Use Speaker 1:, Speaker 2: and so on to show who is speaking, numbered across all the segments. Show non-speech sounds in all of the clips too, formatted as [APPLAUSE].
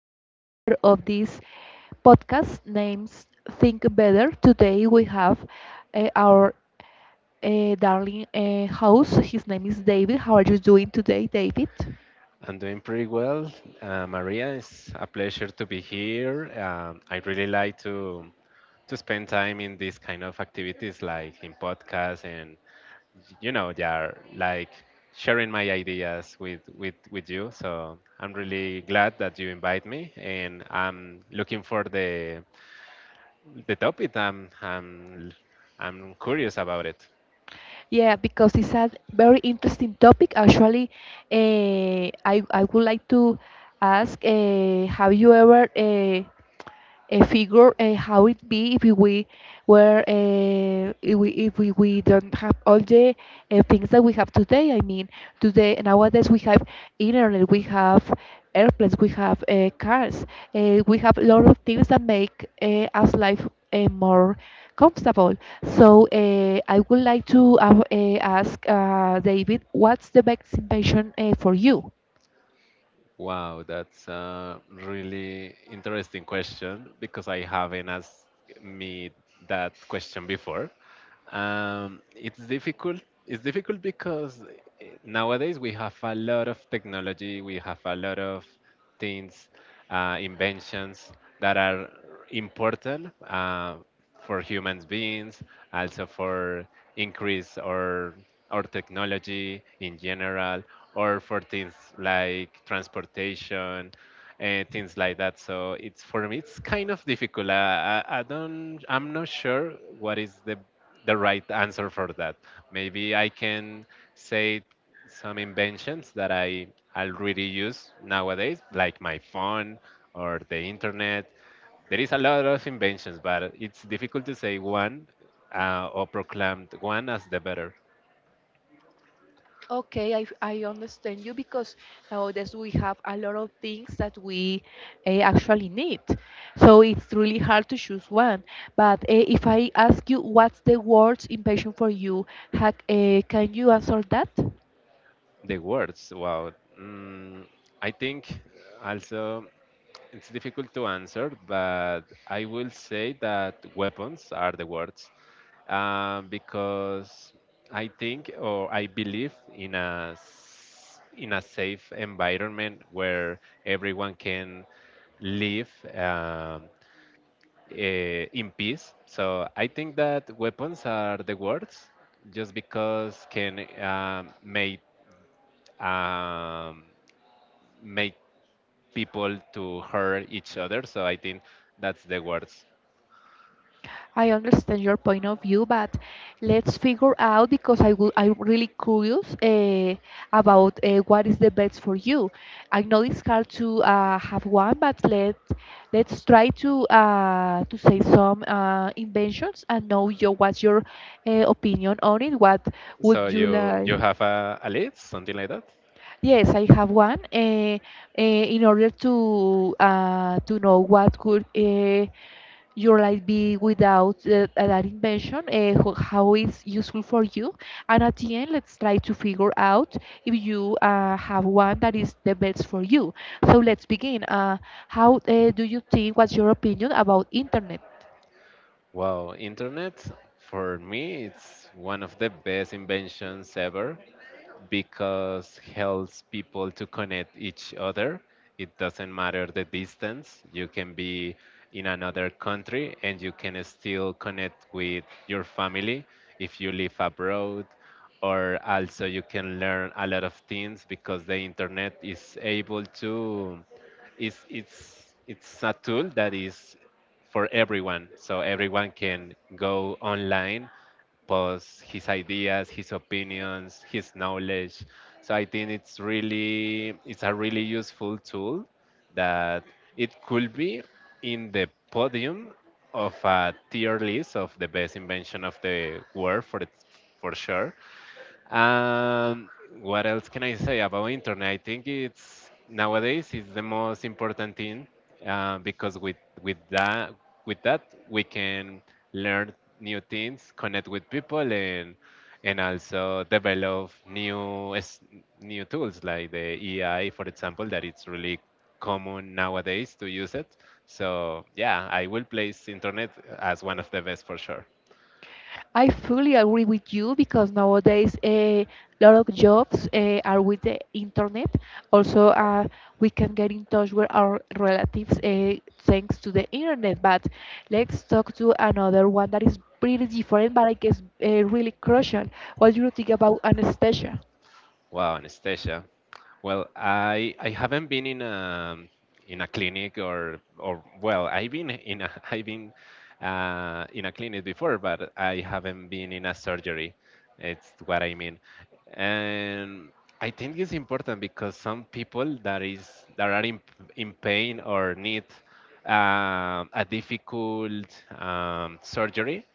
Speaker 1: another chapter of this podcast names Think Better. Today we have our darling host. His name is David. How are you doing today, David?
Speaker 2: I'm doing pretty well. Maria, it's a pleasure to be here. I really like to spend time in these kind of activities, like in podcasts, and they are like sharing my ideas with you. So I'm really glad that you invite me, and I'm looking for the topic. I'm curious about it.
Speaker 1: Yeah, because it's a very interesting topic. Actually, I would like to ask, have you ever a figure how it be if we were if we, we don't have all the things that we have today. I mean, today nowadays we have internet, we have airplanes, we have cars, we have a lot of things that make us life more comfortable. So I would like to ask David, what's the best invention for you?
Speaker 2: Wow, that's a really interesting question because I haven't asked me that question before. It's difficult. It's difficult because nowadays we have a lot of technology, we have a lot of things, inventions that are important. For human beings, also for increase or technology in general, or for things like transportation and things like that. So it's for me, it's kind of difficult. I don't, I'm not sure what is the right answer for that. Maybe I can say some inventions that I already use nowadays, like my phone or the internet. There is a lot of inventions, but it's difficult to say one or proclaim one as the better.
Speaker 1: Okay, I understand you because nowadays we have a lot of things that we actually need. So it's really hard to choose one. But if I ask you what's the worst invention for you, can you answer that?
Speaker 2: The words, wow. Mm, I think also it's difficult to answer, but I will say that weapons are the words because I think or I believe in a in a safe environment where everyone can live in peace. So I think that weapons are the words, just because can make um, make people to hurt each other. So I think that's the words.
Speaker 1: I understand your point of view, but let's figure out because I'm really curious about what is the best for you. I know it's hard to have one, but let's try to say some inventions and know your what's your opinion on it. What
Speaker 2: So
Speaker 1: would you
Speaker 2: you
Speaker 1: like?
Speaker 2: you have a list, something like that.
Speaker 1: Yes, I have one. In order to know what could your life be without that invention, how it's useful for you. And at the end, let's try to figure out if you have one that is the best for you. So let's begin. How do you think, what's your opinion about internet?
Speaker 2: Wow, internet for me it's one of the best inventions ever because helps people to connect each other. It doesn't matter the distance. You can be in another country and you can still connect with your family if you live abroad, or also you can learn a lot of things because the internet is able to is it's a tool that is for everyone. So everyone can go online, post his ideas, his opinions, his knowledge. So I think it's really it's a really useful tool that it could be in the podium of a tier list of the best invention of the world for it, for sure. Um, what else can I say about internet? I think it's nowadays it's the most important thing because with with that with that we can learn new things, connect with people, and also develop new new tools like the AI, for example, that it's really common nowadays to use it. So yeah, I will place internet as one of the best for sure.
Speaker 1: I fully agree with you because nowadays a lot of jobs are with the internet. Also, we can get in touch with our relatives thanks to the internet. But let's talk to another one that is pretty different, but I guess really crucial. What do you think about anesthesia?
Speaker 2: Wow, Anastasia. Well, I haven't been in a clinic or well, I've been in a [LAUGHS] I've been in a clinic before, but I haven't been in a surgery. It's what I mean, and I think it's important because some people that is that are in pain or need a difficult surgery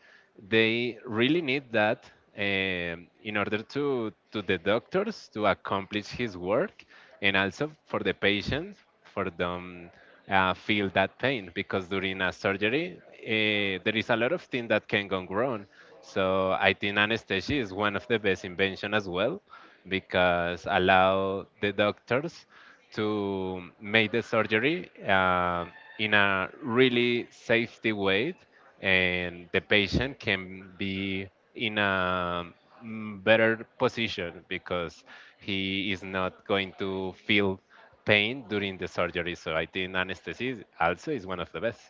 Speaker 2: they really need that in order to the doctors to accomplish his work and also for the patient for them feel that pain because during a surgery there is a lot of things that can go wrong, so I think anesthesia is one of the best invention as well because allow the doctors to make the surgery in a really safety way, and the patient can be in a better position because he is not going to feel pain during the surgery. So I think anesthesia also is one of the best.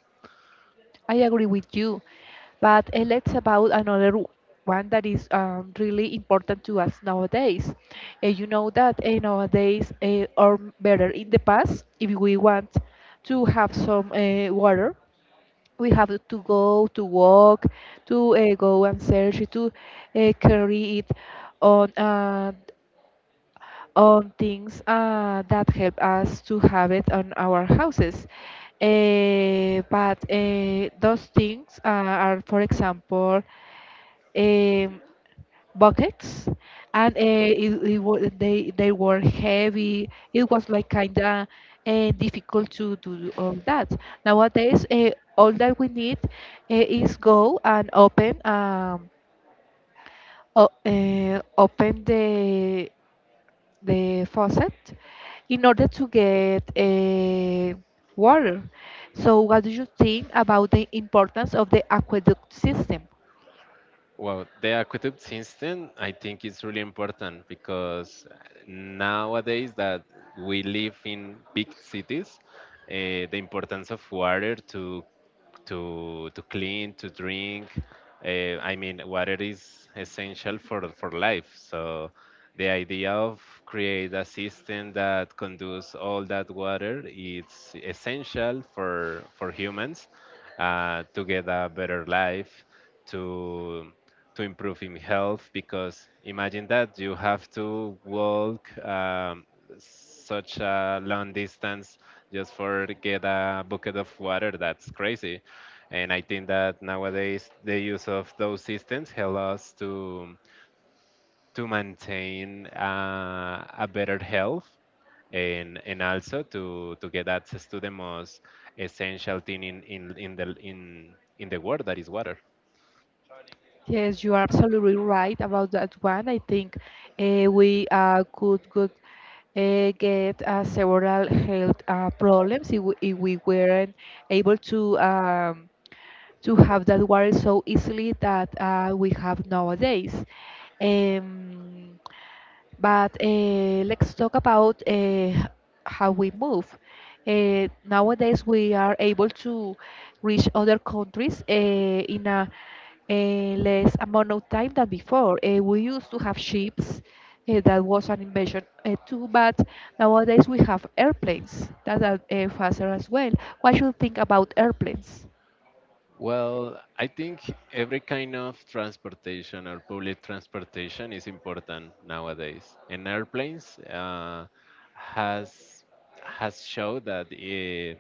Speaker 1: I agree with you, but let's about one that is really important to us nowadays. You know that nowadays, or better in the past, if we want to have some water, we have to go to walk, to go and search, to carry it on. On things that help us to have it on our houses. But those things are, for example, um, buckets, and they were heavy. It was like kinda difficult to do all that. Nowadays, all that we need is go and open open the faucet in order to get water. So, what do you think about the importance of the aqueduct system?
Speaker 2: Well, the aqueduct system, I think it's really important because nowadays that we live in big cities, the importance of water to to clean, to drink, I mean, water is essential for life. So the idea of create a system that conduces all that water, it's essential for humans to get a better life to to improve in health because imagine that you have to walk such a long distance just for to get a bucket of water. That's crazy, and I think that nowadays the use of those systems help us to maintain a better health and also to get access to the most essential thing in in in the world that is water.
Speaker 1: Yes, you are absolutely right about that one. I think we could get several health problems if we weren't able to have that water so easily that we have nowadays. Um, But let's talk about how we move. Nowadays, we are able to reach other countries in a less amount of time than before. We used to have ships, that was an invention too, but nowadays we have airplanes that are faster as well. What you think about airplanes?
Speaker 2: Well, I think every kind of transportation or public transportation is important nowadays. And airplanes has has showed that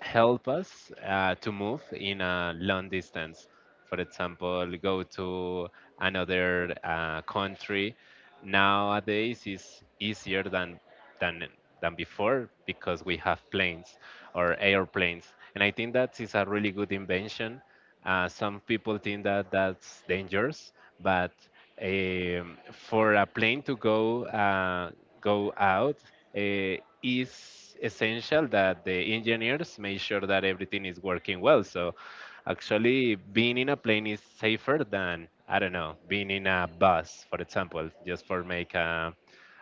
Speaker 2: help us to move in a long distance. For example, go to another country. Nowadays, is easier than than than before because we have planes or airplanes, and I think that is a really good invention. Some people think that that's dangerous, but for a plane to go out, uh, is essential that the engineers make sure that everything is working well. So actually, being in a plane is safer than, I don't know, being in a bus, for example, just for make a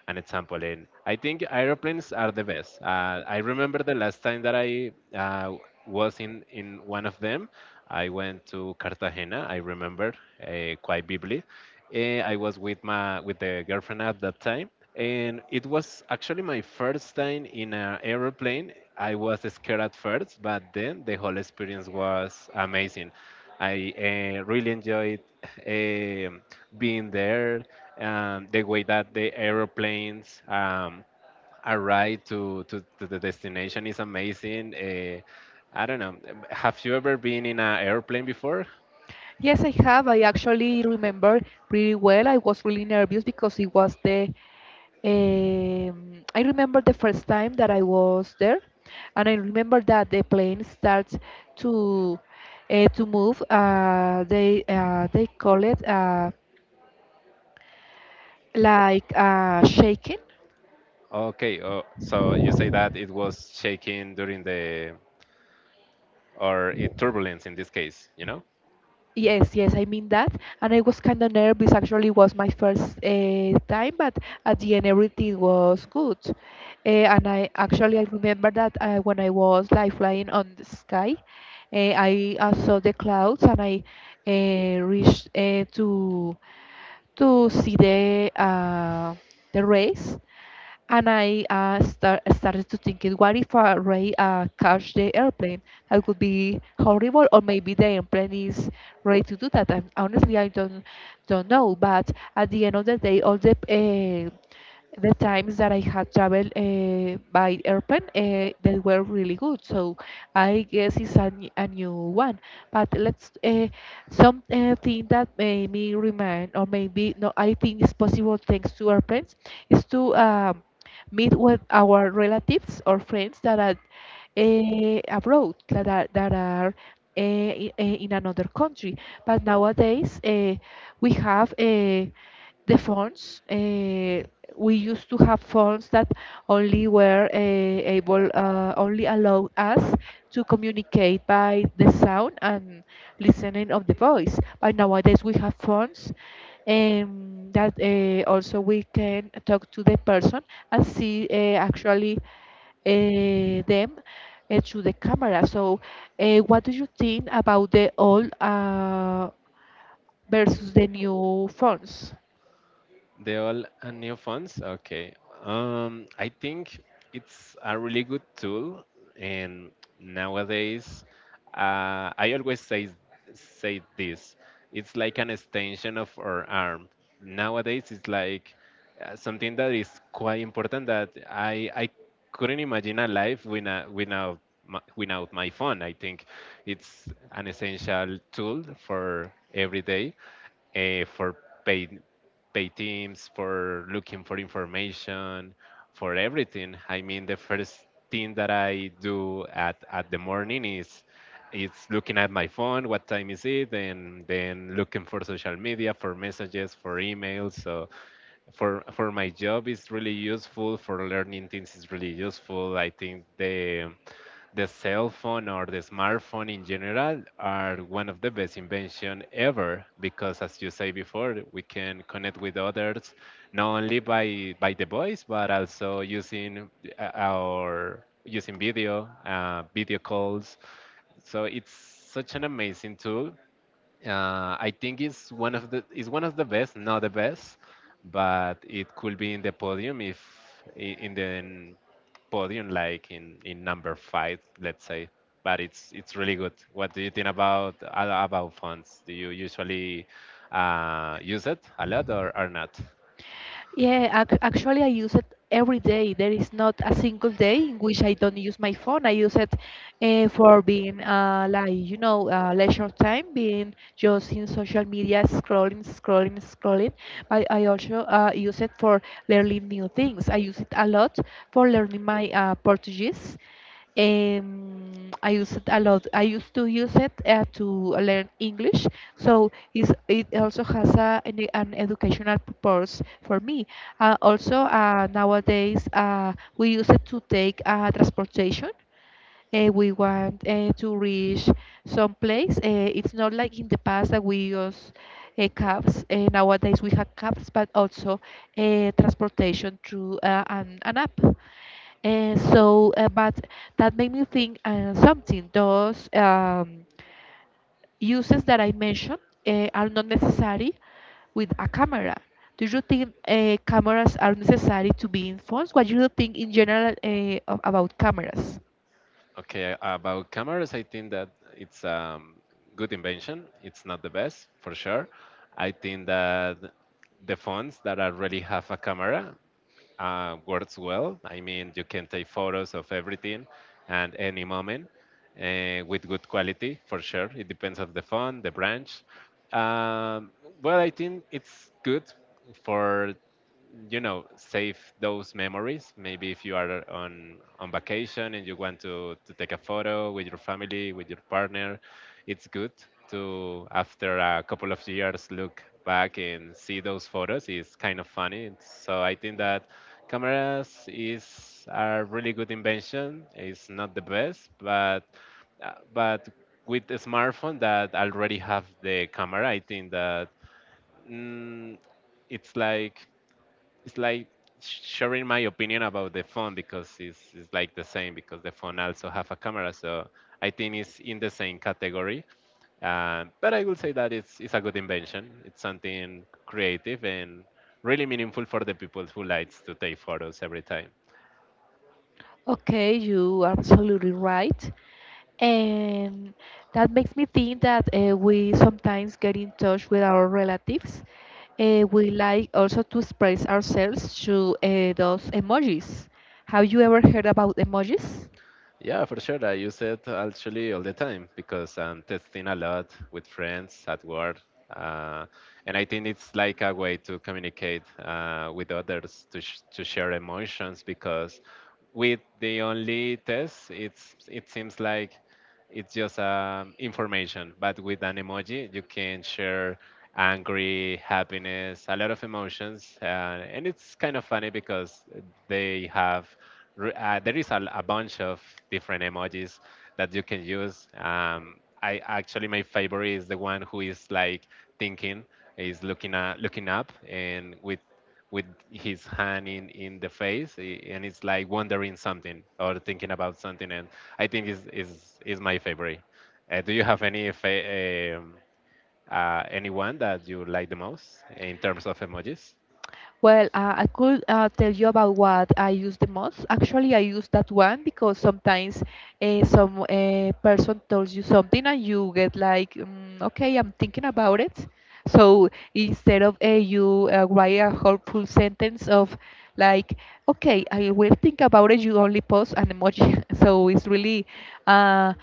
Speaker 2: an example trampoline. I think aeroplanes are the best. I remember the last time that I was in one of them. I went to Cartagena. I remember quite vividly. I was with my with the girlfriend at that time, and it was actually my first time in an aeroplane. I was scared at first, but then the whole experience was amazing. I really enjoyed um being there. The way that the aeroplanes arrive to the destination is amazing. I don't know. Have you ever been in an airplane before?
Speaker 1: Yes, I have. I actually remember pretty well. I was really nervous because it was the I remember the first time that I was there, and I remember that the plane starts to to move. They call it like shaking.
Speaker 2: Okay. Oh, so you say that it was shaking during the or it turbulence in this case, you know?
Speaker 1: Yes, yes, I mean that. And I was kind of nervous. Actually, it was my first time, but at the end, everything was good. And I remember that when I was like flying on the sky, I saw the clouds and I reached to see the race. And I started to thinking, what if a ray catch the airplane? That would be horrible, or maybe the airplane is ready to do that. And honestly, I don't know. But at the end of the day, all the the times that I had traveled by airplane, they were really good. So I guess it's a new one. But let's some thing that made me remind, or maybe no, I think it's possible thanks to airplanes, is to meet with our relatives or friends that are abroad, that are in in another country. But nowadays we have the phones. We used to have phones that only were only allowed us to communicate by the sound and listening of the voice. But nowadays we have phones that also we can talk to the person and see actually them to the camera. So, what do you think about the old versus the new phones?
Speaker 2: They all new phones? Okay. I think it's a really good tool, and nowadays, I always say this. It's like an extension of our arm. Nowadays, it's like something that is quite important that I couldn't imagine a life without without my, without my phone. I think it's an essential tool for every day for pay, pay teams, for looking for information, for everything. I mean, the first thing that I do at the morning is it's looking at my phone, what time is it, and then looking for social media, for messages, for emails. So for my job it's really useful, for learning things it's really useful. I think the cell phone or the smartphone in general are one of the best invention ever because as you say before we can connect with others not only by the voice but also using our using video calls, so it's such an amazing tool. I think it's one of the it's one of the best, not the best, but it could be in the podium if in the podium like in number 5, let's say. But it's really good. What do you think about about fonts? Do you usually use it a lot or not?
Speaker 1: Yeah, ac actually, I use it every day. There is not a single day in which I don't use my phone. I use it for being like leisure time, being just in social media, scrolling, scrolling, scrolling. But I also use it for learning new things. I use it a lot for learning my Portuguese. I use it a lot. I used to use it to learn English, so it's, it also has an educational purpose for me. Also, nowadays we use it to take transportation. We want to reach some place. It's not like in the past that we use cabs. Nowadays we have cabs, but also transportation through an app. And so, but that made me think something. Those uses that I mentioned are not necessary with a camera. Do you think cameras are necessary to be in phones? What do you think in general about cameras?
Speaker 2: Okay, about cameras, I think that it's a um, good invention. It's not the best for sure. I think that the phones that already have a camera works well. I mean, you can take photos of everything and any moment with good quality for sure. It depends on the font, the branch. Um, well, I think it's good for, you know, save those memories. Maybe if you are on vacation and you want to take a photo with your family, with your partner, it's good to after a couple of years look back and see those photos. It's kind of funny. So I think that cameras is a really good invention, it's not the best, but with the smartphone that already have the camera I think that mm, it's like it's like sharing my opinion about the phone because it's like the same because the phone also have a camera, so I think it's in the same category. But I will say that it's a good invention, it's something creative and really meaningful for the people who likes to take photos every time.
Speaker 1: Okay, you are absolutely right. And that makes me think that we sometimes get in touch with our relatives. We like also to express ourselves through those emojis. Have you ever heard about emojis?
Speaker 2: Yeah, for sure. I use it actually all the time because I'm testing a lot with friends at work. Uh, and I think it's like a way to communicate with others to, to share emotions because with the only test, it's, it seems like it's just information, but with an emoji, you can share angry, happiness, a lot of emotions, and it's kind of funny because they have there is a bunch of different emojis that you can use. I actually my favorite is the one who is like thinking, is looking at, looking up, and with his hand in the face and it's like wondering something or thinking about something and I think is, is my favorite. Do you have any anyone that you like the most in terms of emojis?
Speaker 1: Well, I could tell you about what I use the most. Actually, I use that one because sometimes some person tells you something and you get like, mm, okay, I'm thinking about it. So instead of you write a whole full sentence of like, okay, I will think about it, you only post an emoji. [LAUGHS] So it's really uh,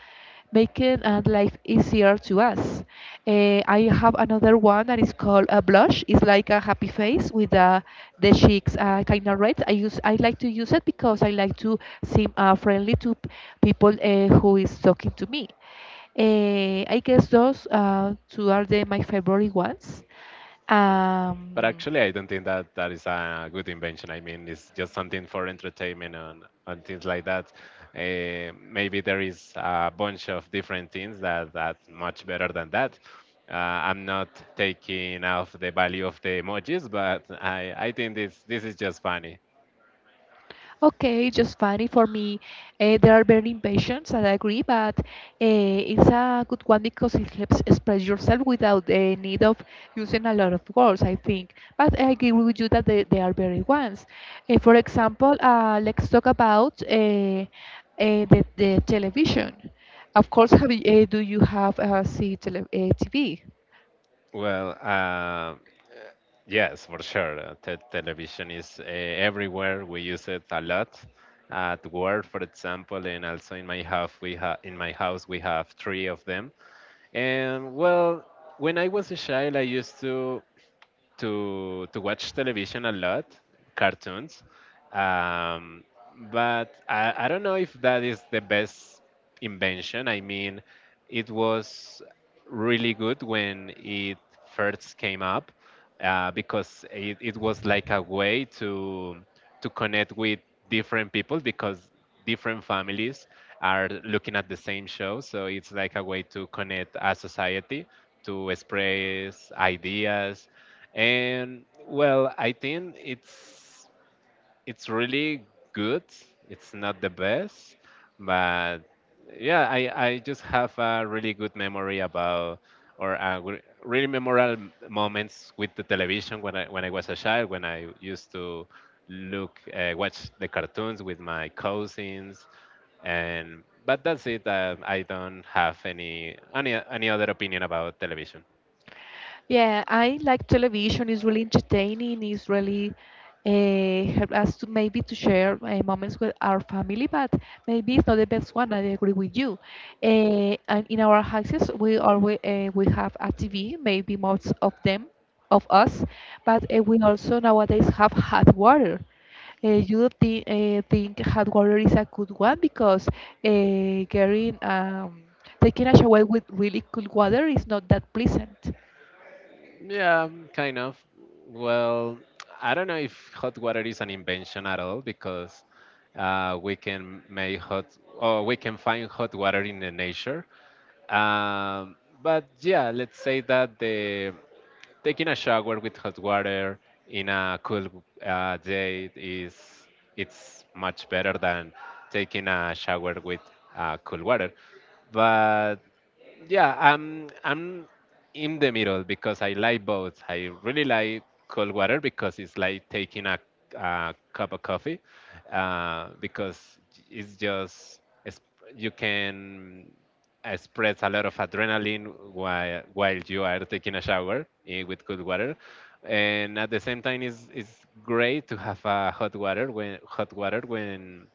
Speaker 1: making life easier to us. Eh, I have another one that is called a blush. It's like a happy face with the cheeks kind of red. I like to use it because I like to seem friendly to people who is talking to me. Eh, I guess those two are the, my favorite ones. Um,
Speaker 2: But actually, I don't think that that is a good invention. I mean, it's just something for entertainment and things like that. Eh, maybe there is a bunch of different things that that's much better than that. I'm not taking off the value of the emojis, but I think this is just funny.
Speaker 1: Okay, just funny for me. They are very impatient, and I agree, but it's a good one because it helps express yourself without the need of using a lot of words, I think. But I agree with you that they are very ones. For example, let's talk about the television. Of course, do you have TV?
Speaker 2: Well, uh, Yes, for sure. Te television is everywhere. We use it a lot at work, for example, and also in my house. We have in my house we have three of them. And well, when I was a child, I used to to watch television a lot, cartoons, um, but I don't know if that is the best invention. I mean, it was really good when it first came up, because it was like a way to connect with different people because different families are looking at the same show. So it's like a way to connect a society, to express ideas. And well, I think it's really good. It's not the best, but yeah, I just have a really good memory about or really memorable moments with the television when I was a child when I used to look watch the cartoons with my cousins and but that's it. I don't have any other opinion about television.
Speaker 1: Yeah, I like television. It's really entertaining. It's really help us to maybe to share moments with our family, but maybe it's not the best one. I agree with you. And in our houses, we always we have a TV. Maybe most of them, of us, but we also nowadays have hot water. Uh, think hot water is a good one because getting taking a shower with really cool water is not that pleasant.
Speaker 2: Yeah, kind of. Well, I don't know if hot water is an invention at all because we can make hot or we can find hot water in the nature. Um, but yeah, let's say that the taking a shower with hot water in a cool day is it's much better than taking a shower with cool water. But yeah, I'm in the middle because I like both. I really like cold water because it's like taking a cup of coffee, because it's just it's, you can express a lot of adrenaline while you are taking a shower with cold water. And at the same time, it's great to have a hot water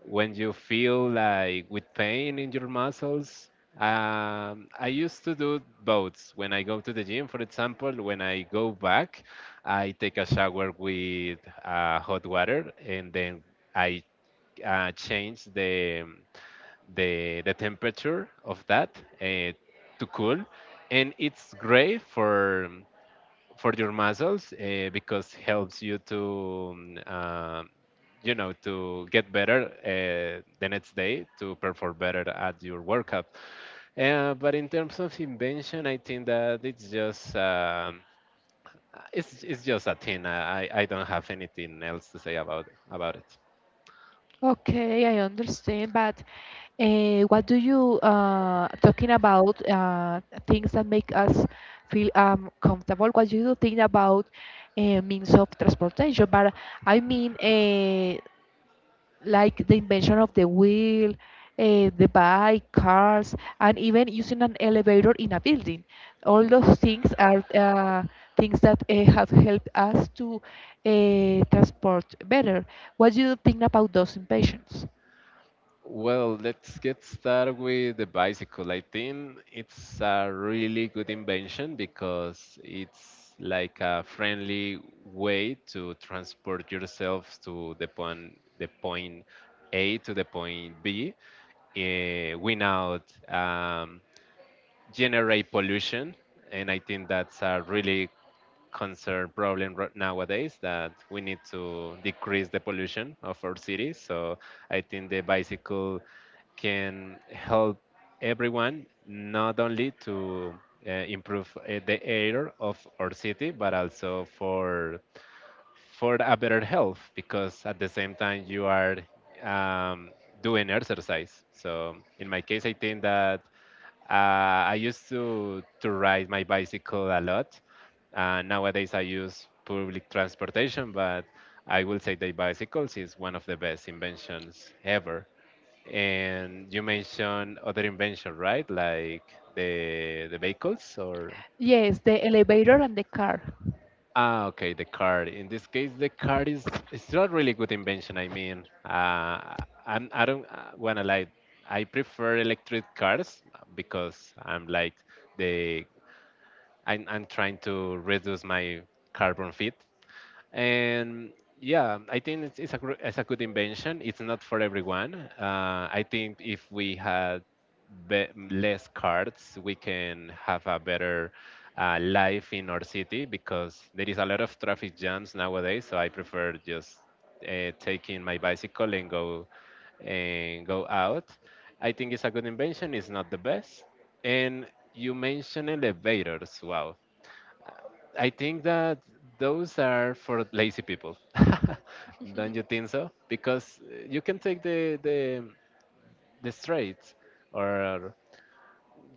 Speaker 2: when you feel like with pain in your muscles. I used to do both when I go to the gym, for example. When I go back, I take a shower with hot water, and then I change the, the temperature of that uh, to cool, and it's great for your muscles, because helps you to you know to get better the next day to perform better at your workout. But in terms of invention, I think that it's just a thing. I don't have anything else to say about it.
Speaker 1: Okay, I understand, but what do you talking about things that make us feel comfortable? What do you think about means of transportation? But I mean, like the invention of the wheel, the bike, cars, and even using an elevator in a building. All those things are things that have helped us to transport better. What do you think about those inventions?
Speaker 2: Well, let's get started with the bicycle. I think it's a really good invention because it's like a friendly way to transport yourself to the point A to the point B, win out, generate pollution, and I think that's a really concern problem nowadays that we need to decrease the pollution of our cities. So I think the bicycle can help everyone, not only to improve the air of our city, but also for a better health because at the same time you are um, doing exercise. So in my case, I think that I used to ride my bicycle a lot. Nowadays, I use public transportation, but I will say that bicycles is one of the best inventions ever. And you mentioned other invention, right? Like the vehicles or...
Speaker 1: Yes, the elevator and the car.
Speaker 2: Ah, okay, the card. In this case, the card is it's not really good invention. I mean, I don't wanna like I prefer electric cars because I'm like the I'm trying to reduce my carbon feet, and yeah, I think it's a good invention. It's not for everyone. I think if we had less cards, we can have a better life in our city because there is a lot of traffic jams nowadays. So I prefer just taking my bicycle and go out. I think it's a good invention. It's not the best. And you mentioned elevators. Wow. I think that those are for lazy people. [LAUGHS] Don't you think so? Because you can take the straight, or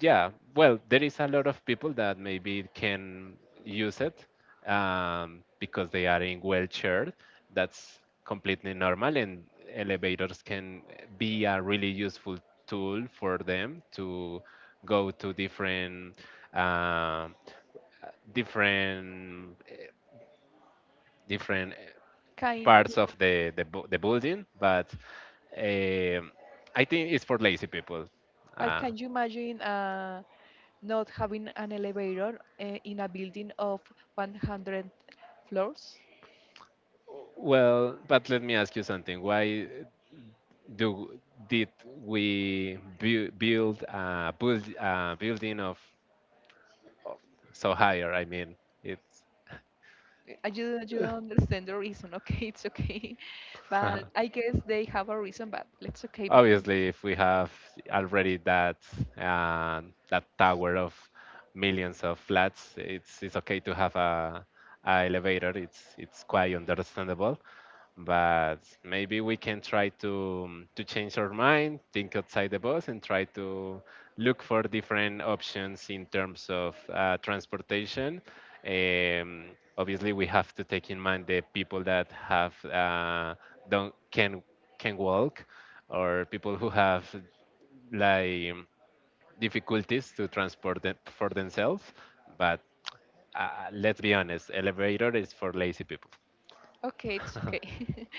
Speaker 2: yeah, well, there is a lot of people that maybe can use it, because they are in wheelchair. That's completely normal, and elevators can be a really useful tool for them to go to different uh, different different uh,
Speaker 1: Can,
Speaker 2: parts of the building, but um, I think it's for lazy people.
Speaker 1: but
Speaker 2: Uh,
Speaker 1: can you imagine not having an elevator in a building of 100 floors?
Speaker 2: well, but let me ask you something. Why do did we build a building of so higher? I mean, it's...
Speaker 1: I you, you don't understand the reason, [LAUGHS] okay? It's okay. [LAUGHS] But
Speaker 2: [LAUGHS]
Speaker 1: I guess they have a reason, but it's okay because
Speaker 2: Obviously, if we have already that uh, that tower of millions of flats, it's okay to have a elevator. It's quite understandable, but maybe we can try to change our mind, think outside the box, and try to look for different options in terms of transportation. Um, Obviously, we have to take in mind the people that have don't can walk, or people who have like difficulties to transport them for themselves. But let's be honest, elevator is for lazy people.
Speaker 1: Okay, it's okay. [LAUGHS]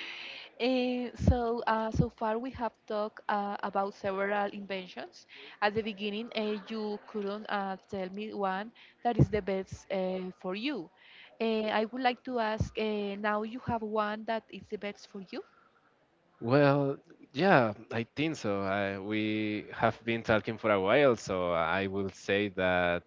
Speaker 1: So, so far we have talked about several inventions. At the beginning, you couldn't tell me one that is the best for you. I would like to ask now you have one that is the best for you?
Speaker 2: Well, yeah, I think so. We have been talking for a while, so I will say that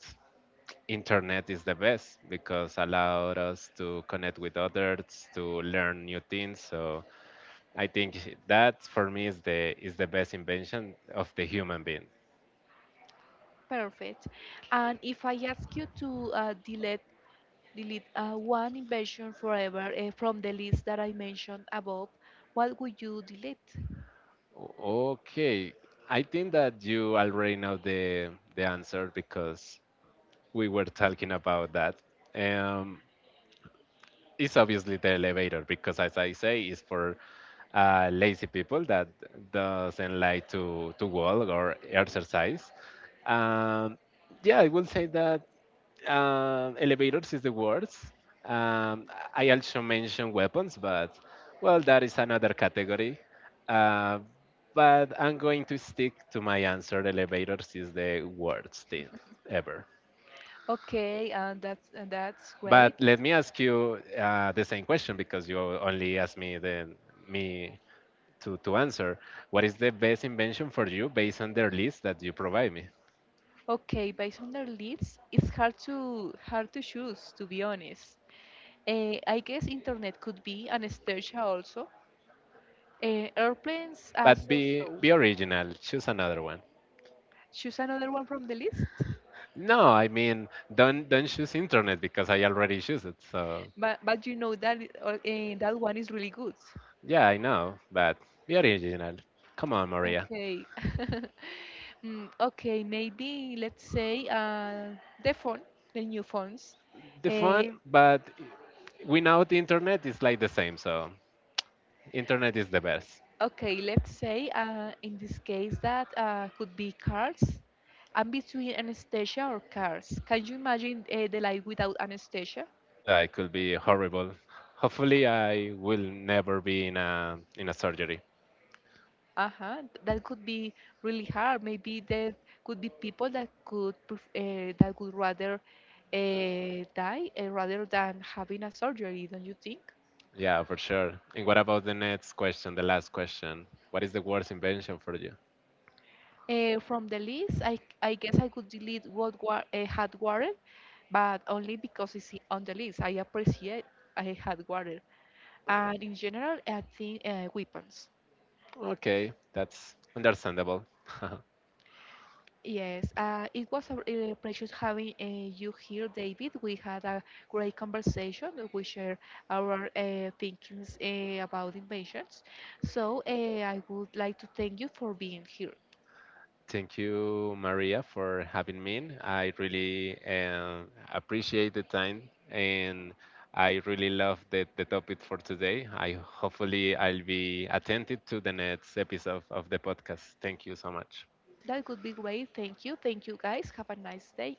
Speaker 2: internet is the best because allowed us to connect with others, to learn new things. So I think that for me is the best invention of the human being.
Speaker 1: Perfect. And if I ask you to delete one invention forever from the list that I mentioned above, what would you delete?
Speaker 2: O- Okay, I think that you already know the answer because we were talking about that. Um, it's obviously the elevator because, as I say, it's for lazy people that doesn't like to walk or exercise. Um, yeah, I will say that elevators is the worst. Um, I also mentioned weapons, but well, that is another category. Uh, but I'm going to stick to my answer. Elevators is the worst thing ever.
Speaker 1: Okay, that's that's great.
Speaker 2: But let me ask you the same question because you only asked me the me to answer. What is the best invention for you based on their list that you provide me?
Speaker 1: Okay, based on their leads, it's hard to choose, to be honest. I guess internet could be anesthesia also. Airplanes are
Speaker 2: But
Speaker 1: so so.
Speaker 2: be original. Choose another one.
Speaker 1: Choose another one from the list,
Speaker 2: No, I mean don't choose internet because I already choose it. So
Speaker 1: but you know that that one is really good.
Speaker 2: yeah, I know, but be original. Come on, Maria.
Speaker 1: Okay. [LAUGHS] Mm, okay, maybe let's say the phone, the new phones.
Speaker 2: The
Speaker 1: Uh,
Speaker 2: fun, but without internet is like the same. So internet is the best.
Speaker 1: okay, let's say in this case that could be cars. I'm between anesthesia or cars. Can you imagine the life without anesthesia?
Speaker 2: Yeah, it could be horrible. Hopefully, I will never be in a surgery.
Speaker 1: Uh-huh. That could be really hard. Maybe there could be people that could pref that would rather die rather than having a surgery, don't you think?
Speaker 2: Yeah, for sure. And what about the next question, the last question? What is the worst invention for you?
Speaker 1: From the list, I guess I could delete had water, but only because it's on the list. I appreciate I had water. And in general, I think weapons.
Speaker 2: Okay, that's understandable. [LAUGHS]
Speaker 1: Yes, it was a pleasure having you here, David. We had a great conversation. We shared our thinkings about inventions. So I would like to thank you for being here.
Speaker 2: Thank you, Maria, for having me. I really appreciate the time, and I really love the topic for today. I hopefully I'll be attentive to the next episode of the podcast. Thank you so much.
Speaker 1: That would be great. Thank you. Thank you, guys. Have a nice day.